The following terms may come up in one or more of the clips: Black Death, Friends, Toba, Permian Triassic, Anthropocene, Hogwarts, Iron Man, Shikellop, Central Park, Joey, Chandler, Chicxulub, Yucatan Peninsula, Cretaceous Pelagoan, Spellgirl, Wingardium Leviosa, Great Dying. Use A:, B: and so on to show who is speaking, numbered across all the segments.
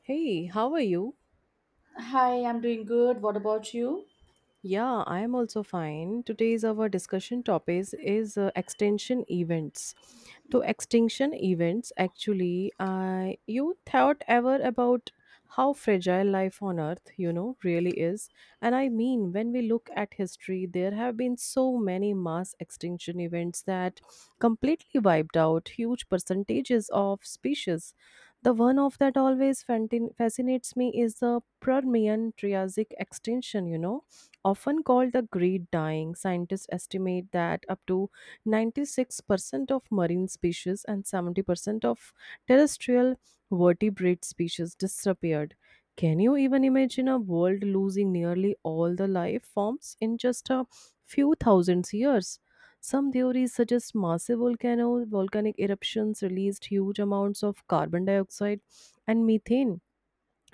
A: Hey, how are you?
B: Hi, I'm doing good. What about you?
A: Yeah, I am also fine. Today's our discussion topic is extinction events. To extinction events, actually, I you thought ever about how fragile life on Earth, you know, really is. And I mean, when we look at history, there have been so many mass extinction events that completely wiped out huge percentages of species. The one of that always fascinates me is the Permian Triassic extinction, you know. Often called the Great Dying, scientists estimate that up to 96% of marine species and 70% of terrestrial vertebrate species disappeared. Can you even imagine a world losing nearly all the life forms in just a few thousands years? Some theories suggest massive volcano volcanic eruptions released huge amounts of carbon dioxide and methane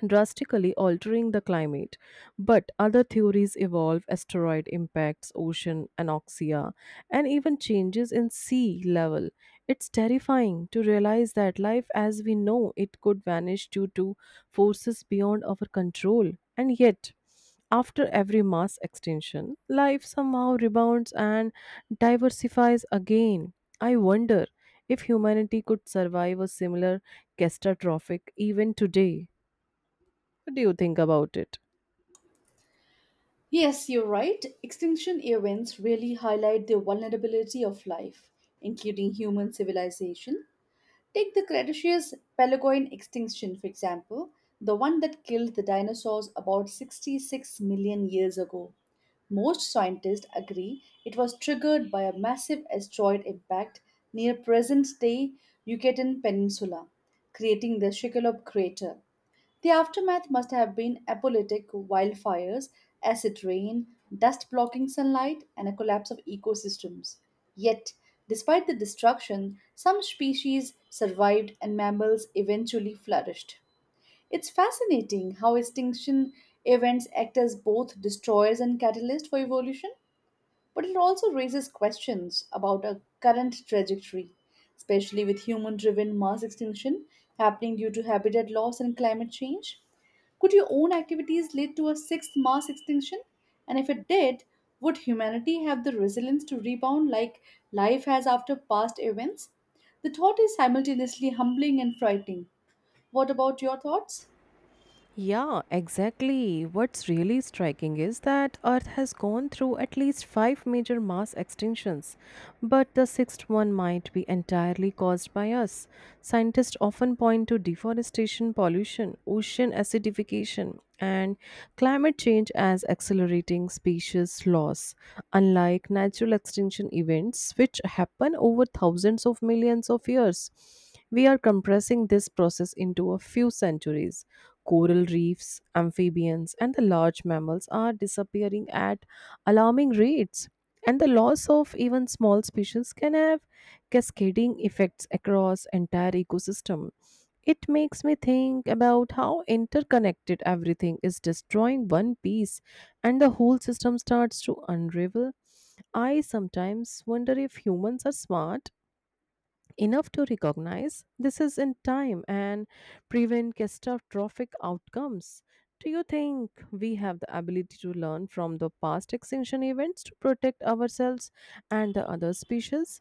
A: drastically altering the climate. But other theories involve asteroid impacts, ocean anoxia, and even changes in sea level. It's terrifying to realize that life as we know it could vanish due to forces beyond our control. And yet, after every mass extinction, life somehow rebounds and diversifies again. I wonder if humanity could survive a similar catastrophic even today. What do you think about it?
B: Yes, you're right. Extinction events really highlight the vulnerability of life, including human civilization. Take the Cretaceous Pelagoan extinction, for example, the one that killed the dinosaurs about 66 million years ago. Most scientists agree it was triggered by a massive asteroid impact near present day Yucatan Peninsula, creating the Shikellop crater. The aftermath must have been apocalyptic wildfires, acid rain, dust blocking sunlight, and a collapse of ecosystems. Yet, despite the destruction, some species survived and mammals eventually flourished. It's fascinating how extinction events act as both destroyers and catalysts for evolution. But it also raises questions about our current trajectory, especially with human driven mass extinction happening due to habitat loss and climate change. Could your own activities lead to a sixth mass extinction? And if it did, would humanity have the resilience to rebound like life has after past events? The thought is simultaneously humbling and frightening. What about your thoughts?
A: Yeah, exactly. What's really striking is that Earth has gone through at least five major mass extinctions, but the sixth one might be entirely caused by us. Scientists often point to deforestation, pollution, ocean acidification, and climate change as accelerating species loss, unlike natural extinction events, which happen over thousands of millions of years. We are compressing this process into a few centuries. Coral reefs, amphibians, and the large mammals are disappearing at alarming rates, and the loss of even small species can have cascading effects across entire ecosystem. It makes me think about how interconnected everything is destroying one piece and the whole system starts to unravel. I sometimes wonder if humans are smart enough to recognize this is in time and prevent catastrophic outcomes. Do you think we have the ability to learn from the past extinction events to protect ourselves and the other species?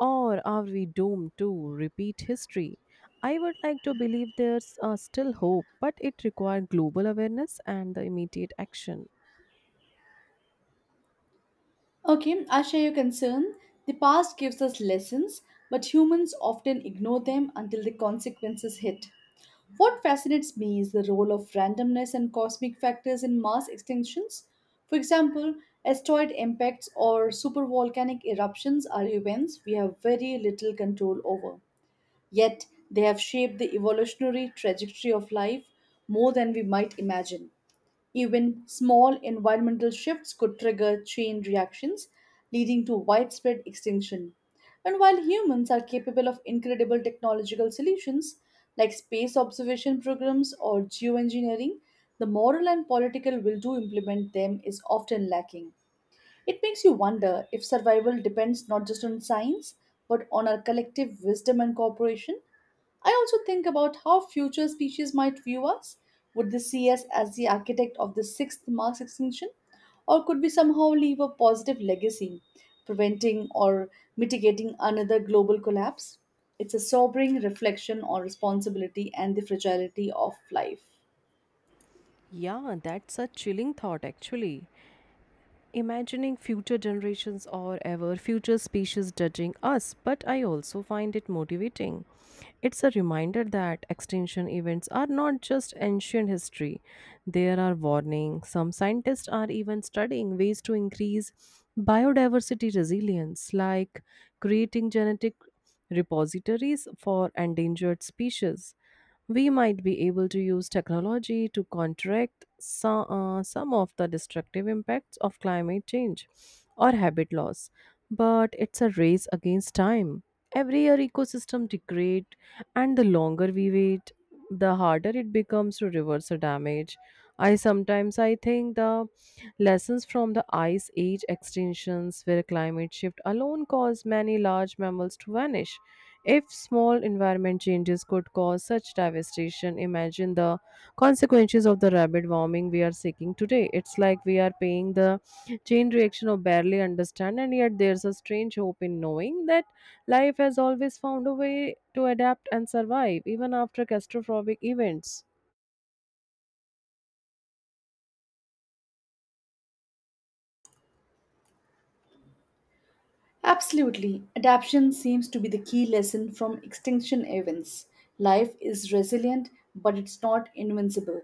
A: Or are we doomed to repeat history? I would like to believe there's still hope, but it requires global awareness and the immediate action.
B: Okay, I share your concern. The past gives us lessons, but humans often ignore them until the consequences hit. What fascinates me is the role of randomness and cosmic factors in mass extinctions. For example, asteroid impacts or supervolcanic eruptions are events we have very little control over. Yet, they have shaped the evolutionary trajectory of life more than we might imagine. Even small environmental shifts could trigger chain reactions, leading to widespread extinction. And while humans are capable of incredible technological solutions like space observation programs or geoengineering, the moral and political will to implement them is often lacking. It makes you wonder if survival depends not just on science, but on our collective wisdom and cooperation. I also think about how future species might view us. Would they see us as the architect of the sixth mass extinction? Or could we somehow leave a positive legacy, preventing or mitigating another global collapse? It's a sobering reflection on responsibility and the fragility of life.
A: Yeah, that's a chilling thought actually. Imagining future generations or ever future species judging us, but I also find it motivating. It's a reminder that extinction events are not just ancient history, there are warnings. Some scientists are even studying ways to increase biodiversity resilience, like creating genetic repositories for endangered species we might be able to use technology to counteract some of the destructive impacts of climate change or habit loss. But it's a race against time. Every year, ecosystem degrade, and the longer we wait, the harder it becomes to reverse the damage. I sometimes I think the lessons from the ice age extinctions, where climate shift alone caused many large mammals to vanish, if small environment changes could cause such devastation, imagine the consequences of the rapid warming we are seeking today. It's like we are paying the chain reaction of barely understand, and yet there's a strange hope in knowing that life has always found a way to adapt and survive, even after catastrophic events.
B: Absolutely. Adaptation seems to be the key lesson from extinction events. Life is resilient, but it's not invincible.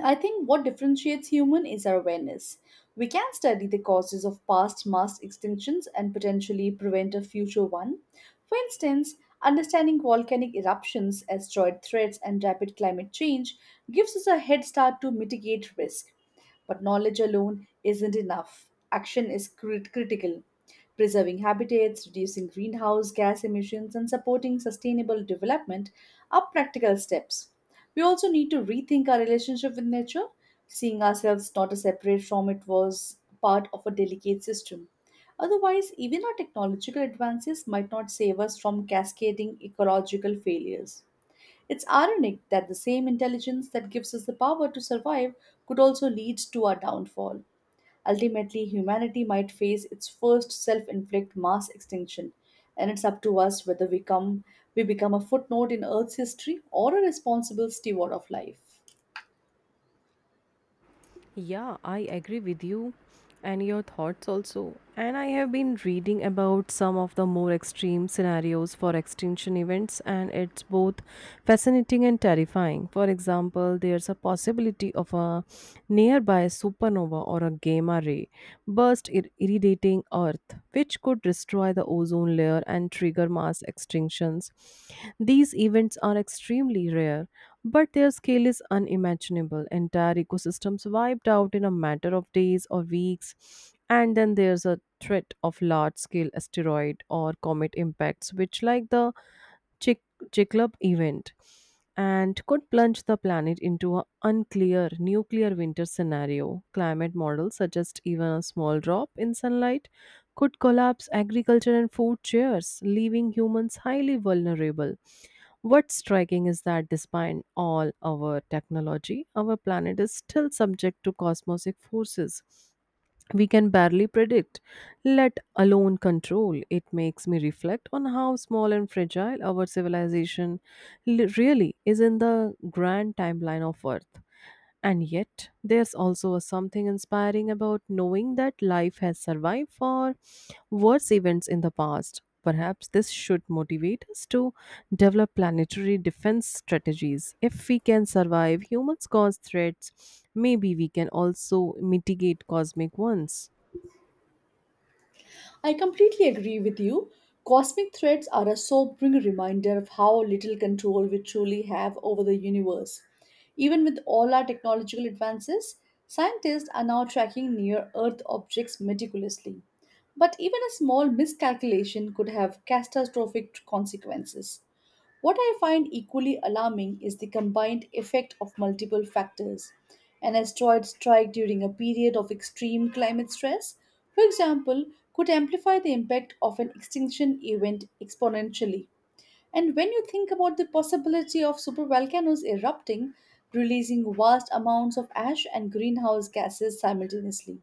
B: I think what differentiates human is our awareness. We can study the causes of past mass extinctions and potentially prevent a future one. For instance, understanding volcanic eruptions, asteroid threats, and rapid climate change gives us a head start to mitigate risk. But knowledge alone isn't enough. Action is critical. Preserving habitats, reducing greenhouse gas emissions, and supporting sustainable development are practical steps. We also need to rethink our relationship with nature, seeing ourselves not as separate from it was part of a delicate system. Otherwise, even our technological advances might not save us from cascading ecological failures. It's ironic that the same intelligence that gives us the power to survive could also lead to our downfall. Ultimately, humanity might face its first self-inflict mass extinction, and it's up to us whether we become a footnote in Earth's history or a responsible steward of life.
A: Yeah, I agree with you and your thoughts also. And I have been reading about some of the more extreme scenarios for extinction events, and it's both fascinating and terrifying. For example, there's a possibility of a nearby supernova or a gamma ray burst irradiating Earth, which could destroy the ozone layer and trigger mass extinctions. These events are extremely rare but their scale is unimaginable. Entire ecosystems wiped out in a matter of days or weeks. And then there's a threat of large scale asteroid or comet impacts, which, like the Chick- Chicxulub event, and could plunge the planet into an unclear nuclear winter scenario. Climate models suggest even a small drop in sunlight could collapse agriculture and food chains, leaving humans highly vulnerable. What's striking is that despite all our technology, our planet is still subject to cosmic forces we can barely predict, let alone control. It makes me reflect on how small and fragile our civilization really is in the grand timeline of Earth. And yet, there's also a something inspiring about knowing that life has survived for worse events in the past. Perhaps this should motivate us to develop planetary defense strategies. If we can survive humans caused threats, maybe we can also mitigate cosmic ones.
B: I completely agree with you. Cosmic threats are a sobering reminder of how little control we truly have over the universe. Even with all our technological advances, scientists are now tracking near Earth objects meticulously. But even a small miscalculation could have catastrophic consequences. What I find equally alarming is the combined effect of multiple factors. An asteroid strike during a period of extreme climate stress, for example, could amplify the impact of an extinction event exponentially. And when you think about the possibility of supervolcanoes erupting, releasing vast amounts of ash and greenhouse gases simultaneously,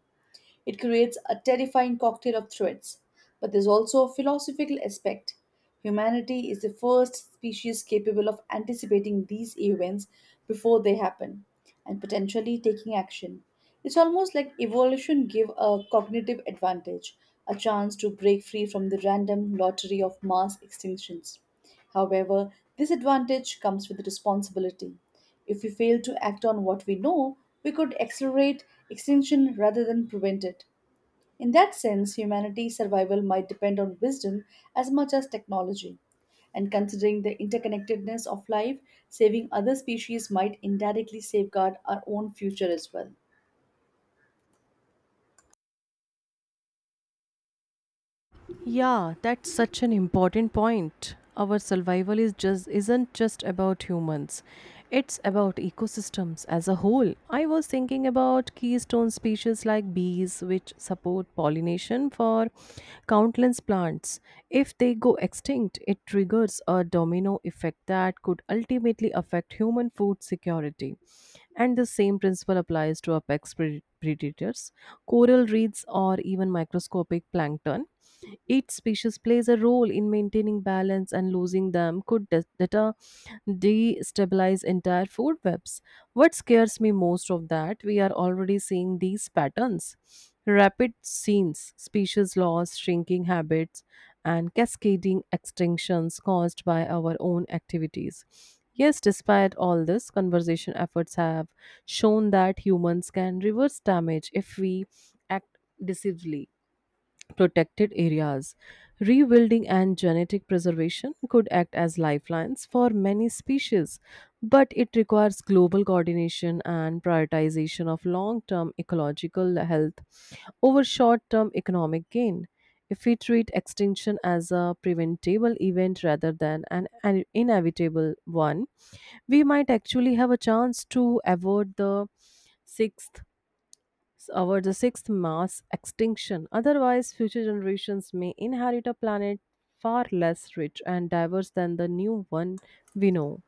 B: it creates a terrifying cocktail of threats. But there's also a philosophical aspect. Humanity is the first species capable of anticipating these events before they happen and potentially taking action. It's almost like evolution gave a cognitive advantage, a chance to break free from the random lottery of mass extinctions. However, this advantage comes with responsibility. If we fail to act on what we know, we could accelerate extinction rather than prevent it. In that sense, humanity's survival might depend on wisdom as much as technology. And considering the interconnectedness of life, saving other species might indirectly safeguard our own future as well.
A: Yeah, that's such an important point. Our survival is just isn't just about humans. It's about ecosystems as a whole. I was thinking about keystone species like bees which support pollination for countless plants. If they go extinct, it triggers a domino effect that could ultimately affect human food security. And the same principle applies to apex predators, coral reefs or even microscopic plankton. Each species plays a role in maintaining balance, and losing them could de- deter destabilize entire food webs. What scares me most of that, we are already seeing these patterns. Rapid scenes, species loss, shrinking habits, and cascading extinctions caused by our own activities. Yes, despite all this, conservation efforts have shown that humans can reverse damage if we act decisively protected areas. Rewilding and genetic preservation could act as lifelines for many species, but it requires global coordination and prioritization of long term ecological health over short term economic gain. If we treat extinction as a preventable event rather than an inevitable one, we might actually have a chance to avoid the sixth over the sixth mass extinction. Otherwise, future generations may inherit a planet far less rich and diverse than the new one we know.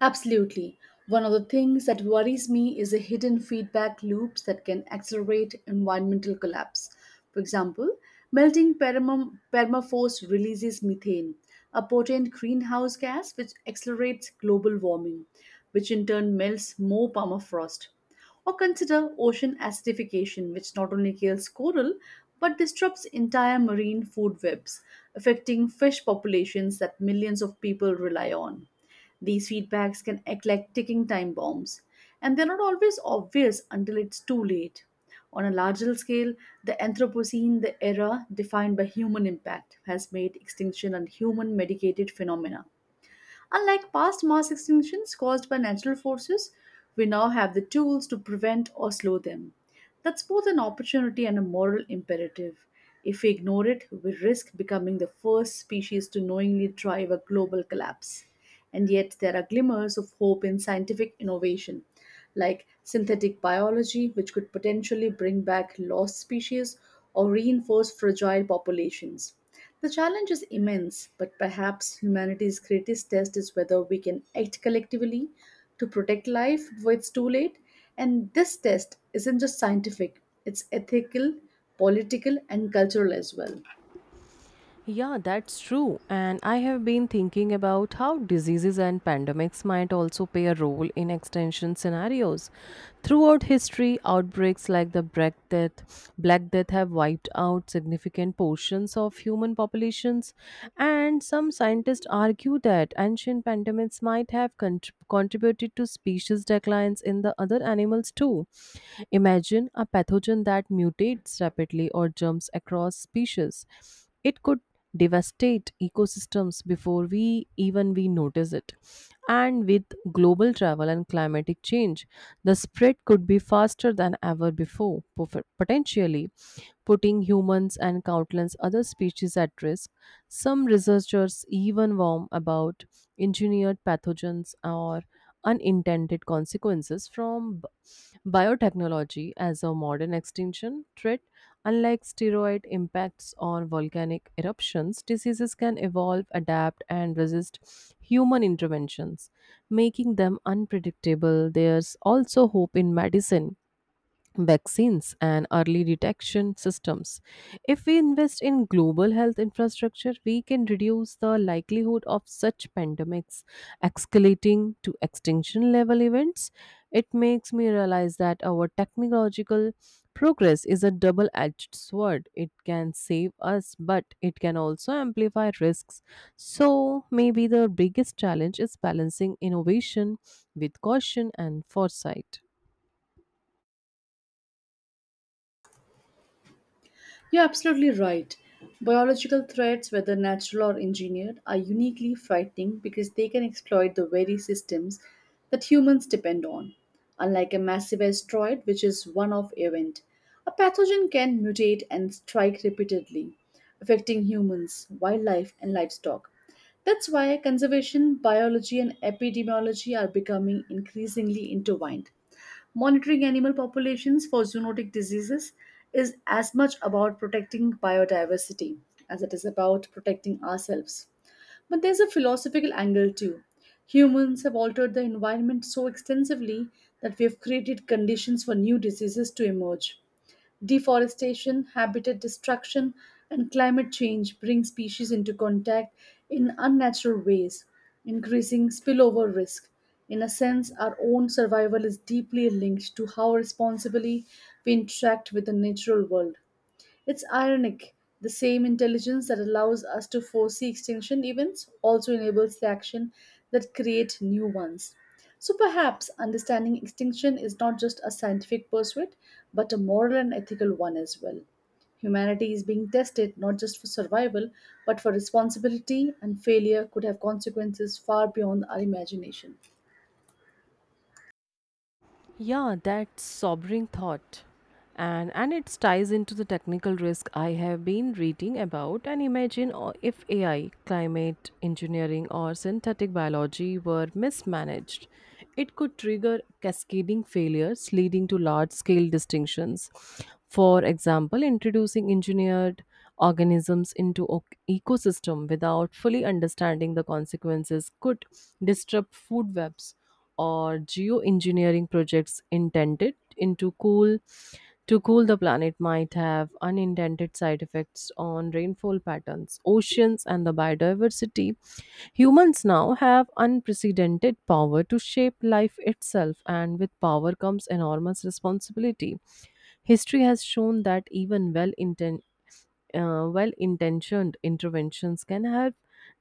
B: Absolutely. One of the things that worries me is the hidden feedback loops that can accelerate environmental collapse. For example, melting permafrost releases methane, a potent greenhouse gas which accelerates global warming, which in turn melts more permafrost. Or consider ocean acidification, which not only kills coral but disrupts entire marine food webs, affecting fish populations that millions of people rely on. These feedbacks can act like ticking time bombs, and they're not always obvious until it's too late. On a larger scale, the Anthropocene, the era defined by human impact, has made extinction a human medicated phenomena. Unlike past mass extinctions caused by natural forces, we now have the tools to prevent or slow them. That's both an opportunity and a moral imperative. If we ignore it, we risk becoming the first species to knowingly drive a global collapse. And yet, there are glimmers of hope in scientific innovation, like synthetic biology, which could potentially bring back lost species or reinforce fragile populations. The challenge is immense, but perhaps humanity's greatest test is whether we can act collectively to protect life before it's too late. And this test isn't just scientific, it's ethical, political, and cultural as well.
A: Yeah, that's true. And I have been thinking about how diseases and pandemics might also play a role in extinction scenarios. Throughout history, outbreaks like the Black Death have wiped out significant portions of human populations, and some scientists argue that ancient pandemics might have contributed to species declines in the other animals too. Imagine a pathogen that mutates rapidly or jumps across species it could devastate ecosystems before we even we notice it and with global travel and climatic change the spread could be faster than ever before potentially putting humans and countless other species at risk some researchers even warn about engineered pathogens or unintended consequences from biotechnology as a modern extinction threat. Unlike steroid impacts on volcanic eruptions, diseases can evolve, adapt, and resist human interventions, making them unpredictable. There's also hope in medicine vaccines and early detection systems. If we invest in global health infrastructure, we can reduce the likelihood of such pandemics escalating to extinction level events. It makes me realize that our technological progress is a double edged sword. It can save us, but it can also amplify risks. So, maybe the biggest challenge is balancing innovation with caution and foresight.
B: You're absolutely right. Biological threats, whether natural or engineered, are uniquely frightening because they can exploit the very systems that humans depend on. Unlike a massive asteroid, which is one off event, a pathogen can mutate and strike repeatedly, affecting humans, wildlife, and livestock. That's why conservation, biology, and epidemiology are becoming increasingly intertwined. Monitoring animal populations for zoonotic diseases is as much about protecting biodiversity as it is about protecting ourselves. But there's a philosophical angle too. Humans have altered the environment so extensively that we have created conditions for new diseases to emerge. Deforestation, habitat destruction, and climate change bring species into contact in unnatural ways, increasing spillover risk. In a sense, our own survival is deeply linked to how responsibly we interact with the natural world. It's ironic. The same intelligence that allows us to foresee extinction events also enables the action that create new ones. So perhaps understanding extinction is not just a scientific pursuit, but a moral and ethical one as well. Humanity is being tested not just for survival, but for responsibility, and failure could have consequences far beyond our imagination.
A: Yeah, that's sobering thought. And it ties into the technical risk I have been reading about and imagine o- if AI, climate engineering or synthetic biology were mismanaged, it could trigger cascading failures leading to large scale distinctions. For example, introducing engineered organisms into ecosystem without fully understanding the consequences could disrupt food webs or geoengineering projects intended into cool to cool the planet might have unintended side effects on rainfall patterns, oceans, and the biodiversity. Humans now have unprecedented power to shape life itself, and with power comes enormous responsibility. History has shown that even well intentioned interventions can help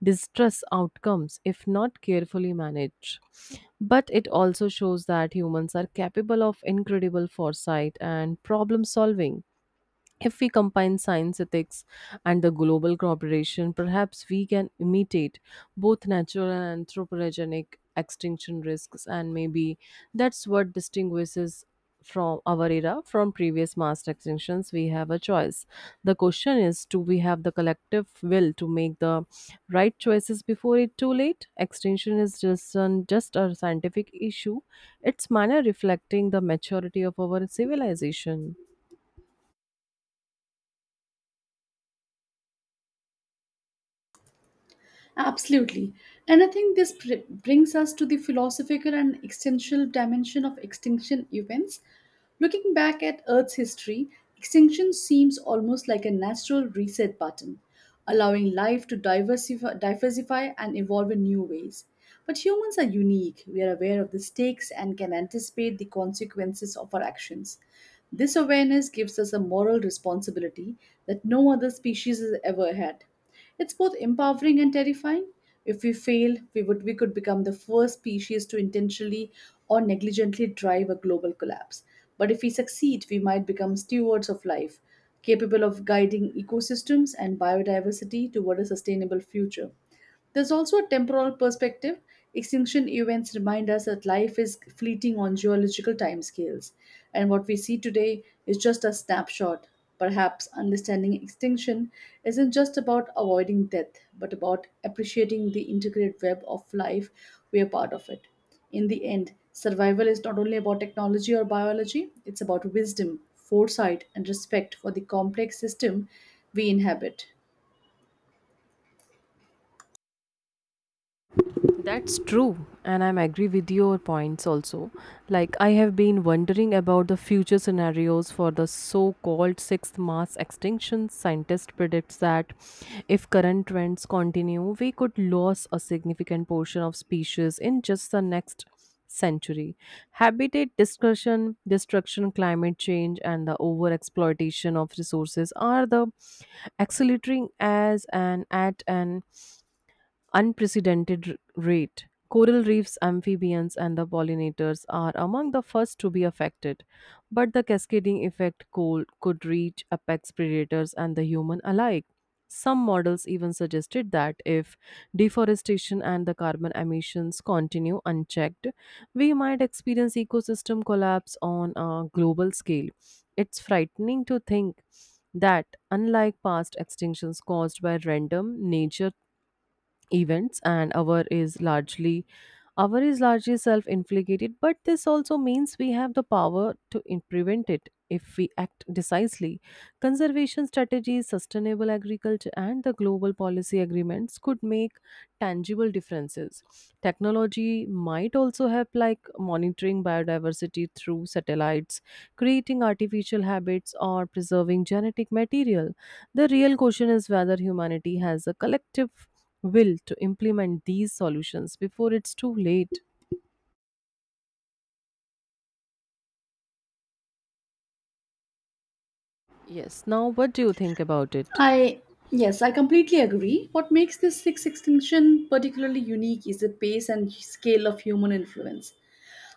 A: distress outcomes if not carefully managed. But it also shows that humans are capable of incredible foresight and problem solving. If we combine science, ethics, and the global cooperation, perhaps we can imitate both natural and anthropogenic extinction risks, and maybe that's what distinguishes from our era from previous mass extinctions we have a choice. The question is do we have the collective will to make the right choices before it too late extinction is just a scientific issue its manner reflecting the maturity of our civilization.
B: Absolutely. And I think this brings us to the philosophical and existential dimension of extinction events. Looking back at Earth's history, extinction seems almost like a natural reset button, allowing life to diversify and evolve in new ways. But humans are unique. We are aware of the stakes and can anticipate the consequences of our actions. This awareness gives us a moral responsibility that no other species has ever had. It's both empowering and terrifying. If we fail, we could become the first species to intentionally or negligently drive a global collapse. But if we succeed, we might become stewards of life, capable of guiding ecosystems and biodiversity toward a sustainable future. There's also a temporal perspective. Extinction events remind us that life is fleeting on geological timescales, and what we see today is just a snapshot. Perhaps understanding extinction isn't just about avoiding death, but about appreciating the intricate web of life we are part of it. In the end, survival is not only about technology or biology, it's about wisdom, foresight, and respect for the complex system we inhabit.
A: That's true, and I'm agree with your points also. Like I have been wondering about the future scenarios for the so-called sixth mass extinction. Scientists predicts that if current trends continue, we could lose a significant portion of species in just the next century. Habitat discussion, destruction, climate change, and the overexploitation of resources are the accelerating as an at an unprecedented rate. Coral reefs, amphibians, and the pollinators are among the first to be affected, but the cascading effect cold could reach apex predators and the human alike. Some models even suggested that if deforestation and the carbon emissions continue unchecked, we might experience ecosystem collapse on a global scale. It's frightening to think that, unlike past extinctions caused by random nature events, and our is largely self-inflicted. But this also means we have the power to prevent it if we act decisively. Conservation strategies, sustainable agriculture, and the global policy agreements could make tangible differences. Technology might also help, like monitoring biodiversity through satellites, creating artificial habits, or preserving genetic material. The real question is whether humanity has a collective will to implement these solutions before it's too late. Yes, now what do you think about it?
B: I Yes, I completely agree. What makes this sixth extinction particularly unique is the pace and scale of human influence.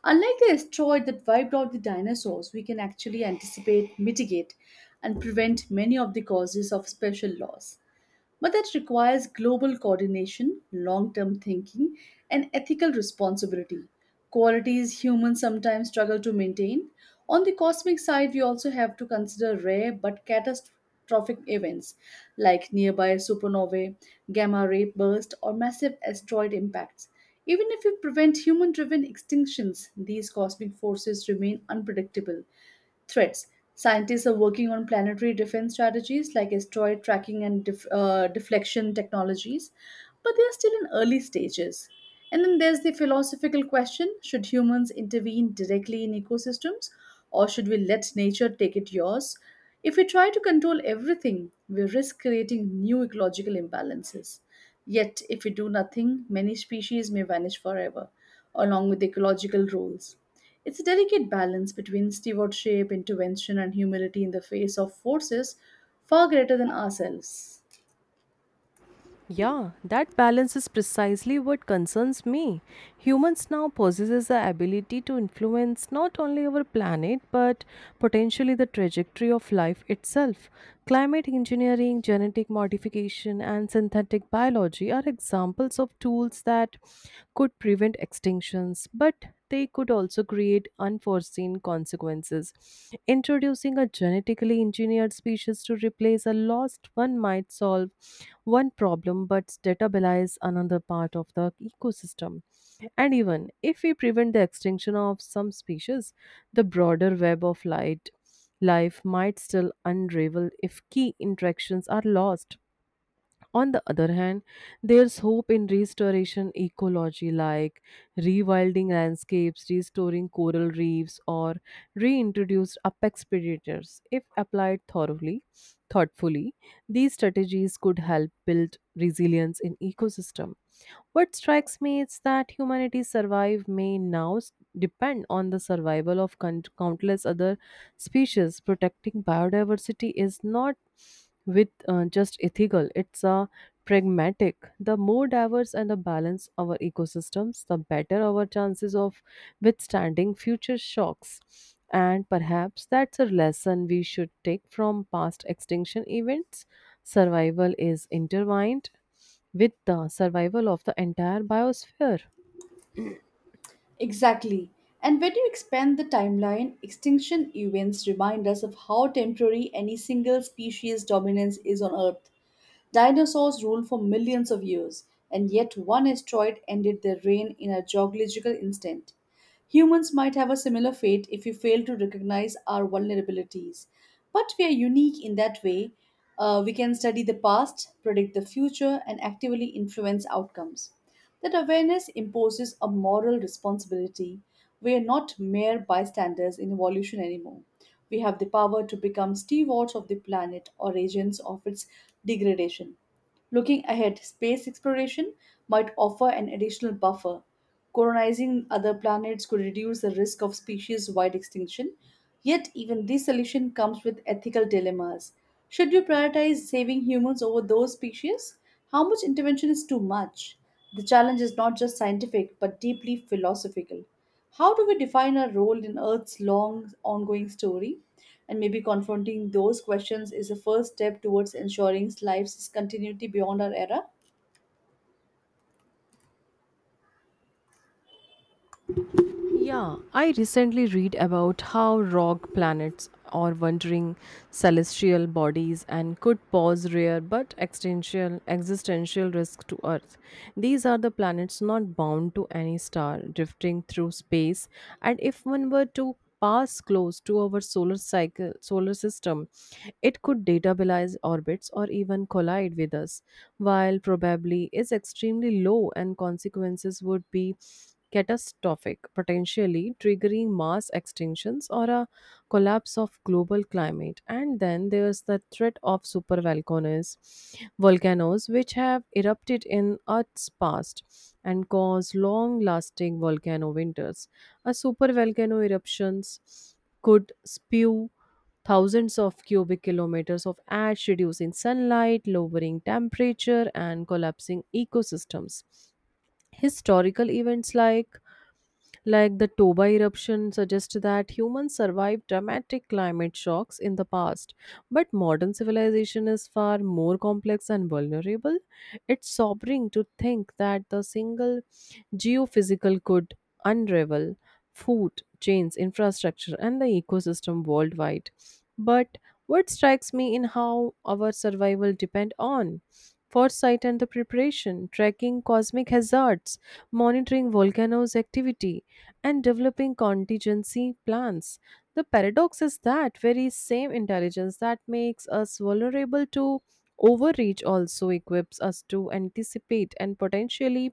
B: Unlike the asteroid that wiped out the dinosaurs, we can actually anticipate, mitigate, and prevent many of the causes of special loss. But that requires global coordination, long term thinking, and ethical responsibility, qualities humans sometimes struggle to maintain. On the cosmic side, we also have to consider rare but catastrophic events like nearby supernovae, gamma ray bursts, or massive asteroid impacts. Even if we prevent human driven extinctions, these cosmic forces remain unpredictable Threats Scientists are working on planetary defense strategies like asteroid tracking and deflection technologies, but they are still in early stages. And then there's the philosophical question should humans intervene directly in ecosystems or should we let nature take it yours? If we try to control everything, we risk creating new ecological imbalances. Yet, if we do nothing, many species may vanish forever, along with ecological roles. It's a delicate balance between stewardship, intervention, and humility in the face of forces far greater than ourselves.
A: Yeah, that balance is precisely what concerns me. Humans now possesses the ability to influence not only our planet but potentially the trajectory of life itself. Climate engineering, genetic modification, and synthetic biology are examples of tools that could prevent extinctions, but they could also create unforeseen consequences. Introducing a genetically engineered species to replace a lost one might solve one problem but destabilize another part of the ecosystem. And even if we prevent the extinction of some species, the broader web of light life might still unravel if key interactions are lost. On the other hand, there's hope in restoration ecology, like rewilding landscapes, restoring coral reefs, or reintroduced apex predators. If applied thoughtfully, these strategies could help build resilience in ecosystem. What strikes me is that humanity's survive may now s- depend on the survival of countless other species. Protecting biodiversity is not with just ethical; it's a pragmatic. The more diverse and the balance our ecosystems, the better our chances of withstanding future shocks. And perhaps that's a lesson we should take from past extinction events. Survival is intertwined with the survival of the entire biosphere.
B: Exactly. And when you expand the timeline, extinction events remind us of how temporary any single species' dominance is on Earth. Dinosaurs ruled for millions of years, and yet one asteroid ended their reign in a geological instant. Humans might have a similar fate if we fail to recognize our vulnerabilities. But we are unique in that way. We can study the past, predict the future, and actively influence outcomes. That awareness imposes a moral responsibility. We are not mere bystanders in evolution anymore. We have the power to become stewards of the planet or agents of its degradation. Looking ahead, space exploration might offer an additional buffer. Colonizing other planets could reduce the risk of species wide extinction. Yet, even this solution comes with ethical dilemmas. Should we prioritize saving humans over those species? How much intervention is too much? The challenge is not just scientific but deeply philosophical. How do we define our role in Earth's long ongoing story? And maybe confronting those questions is the first step towards ensuring life's continuity beyond our era.
A: Yeah, I recently read about how rock planets are wandering celestial bodies and could pose rare but existential risk to Earth. These are the planets not bound to any star, drifting through space, and if one were to pass close to our solar system, it could destabilize orbits or even collide with us. While probably is extremely low and consequences would be catastrophic, potentially triggering mass extinctions or a collapse of global climate. And then there's the threat of supervolcanoes, volcanoes which have erupted in Earth's past and caused long-lasting volcano winters. A supervolcano eruptions could spew thousands of cubic kilometers of ash, reducing sunlight, lowering temperature, and collapsing ecosystems. Historical events like the Toba eruption suggests that humans survived dramatic climate shocks in the past, but modern civilization is far more complex and vulnerable. It's sobering to think that the single geophysical could unravel food chains, infrastructure, and the ecosystem worldwide. But what strikes me in how our survival depend on foresight and the preparation, tracking cosmic hazards, monitoring volcanoes' activity, and developing contingency plans. The paradox is that very same intelligence that makes us vulnerable to overreach also equips us to anticipate and potentially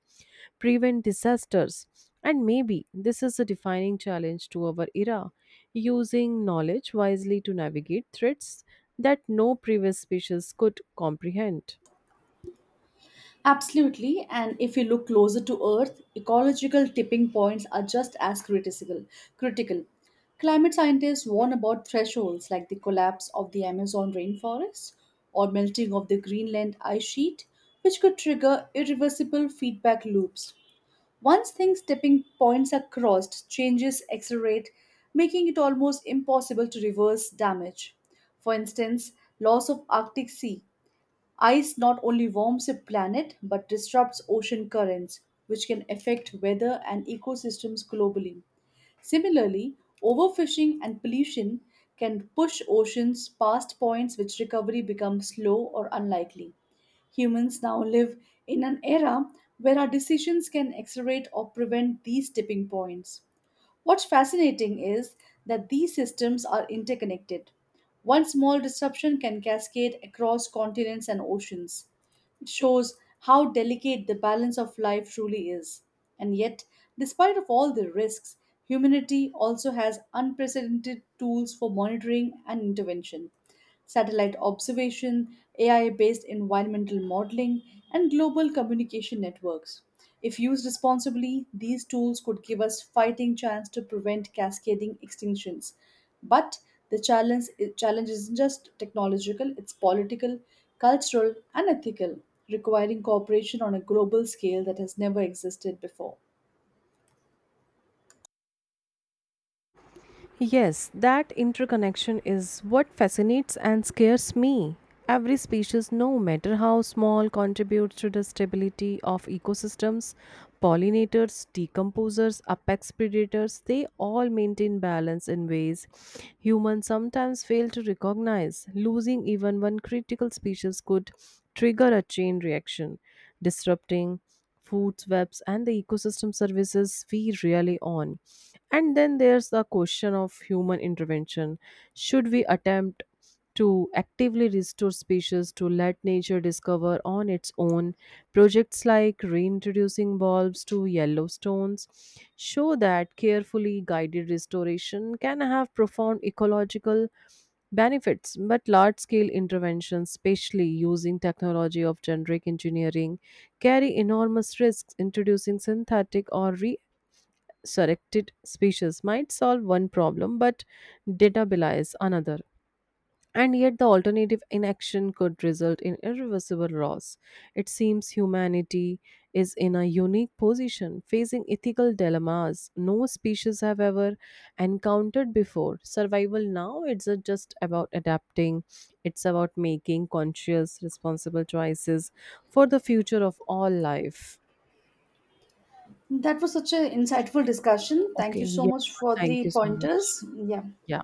A: prevent disasters. And maybe this is a defining challenge to our era, using knowledge wisely to navigate threats that no previous species could comprehend.
B: Absolutely, and if you look closer to Earth, ecological tipping points are just as critical. Critical. Climate scientists warn about thresholds like the collapse of the Amazon rainforest or melting of the Greenland ice sheet, which could trigger irreversible feedback loops. Once things tipping points are crossed, changes accelerate, making it almost impossible to reverse damage. For instance, loss of Arctic Sea Ice not only warms a planet but disrupts ocean currents, which can affect weather and ecosystems globally. Similarly, overfishing and pollution can push oceans past points which recovery becomes slow or unlikely. Humans now live in an era where our decisions can accelerate or prevent these tipping points. What's fascinating is that these systems are interconnected. One small disruption can cascade across continents and oceans. It shows how delicate the balance of life truly is. And yet, despite of all the risks, humanity also has unprecedented tools for monitoring and intervention. Satellite observation, AI-based environmental modeling, and global communication networks. If used responsibly, these tools could give us fighting chance to prevent cascading extinctions. But the challenge isn't just technological, it's political, cultural, and ethical, requiring cooperation on a global scale that has never existed before.
A: Yes, that interconnection is what fascinates and scares me. Every species, no matter how small, contributes to the stability of ecosystems. Pollinators, decomposers, apex predators, they all maintain balance in ways humans sometimes fail to recognize. Losing even one critical species could trigger a chain reaction, disrupting food webs and the ecosystem services we really on. And then there's the question of human intervention. Should we attempt to actively restore species to let nature discover on its own? Projects like reintroducing bulbs to Yellowstones show that carefully guided restoration can have profound ecological benefits, but large scale interventions, especially using technology of generic engineering, carry enormous risks. Introducing synthetic or resurrected species might solve one problem, but data belies another. And yet, the alternative inaction could result in irreversible loss. It seems humanity is in a unique position, facing ethical dilemmas no species have ever encountered before. Survival now, it's not just about adapting, it's about making conscious, responsible choices for the future of all life.
B: That was such an insightful discussion. Thank
A: Okay.
B: you so
A: Yeah.
B: much for
A: Thank
B: the
A: you so much.
B: pointers. Yeah.
A: Yeah.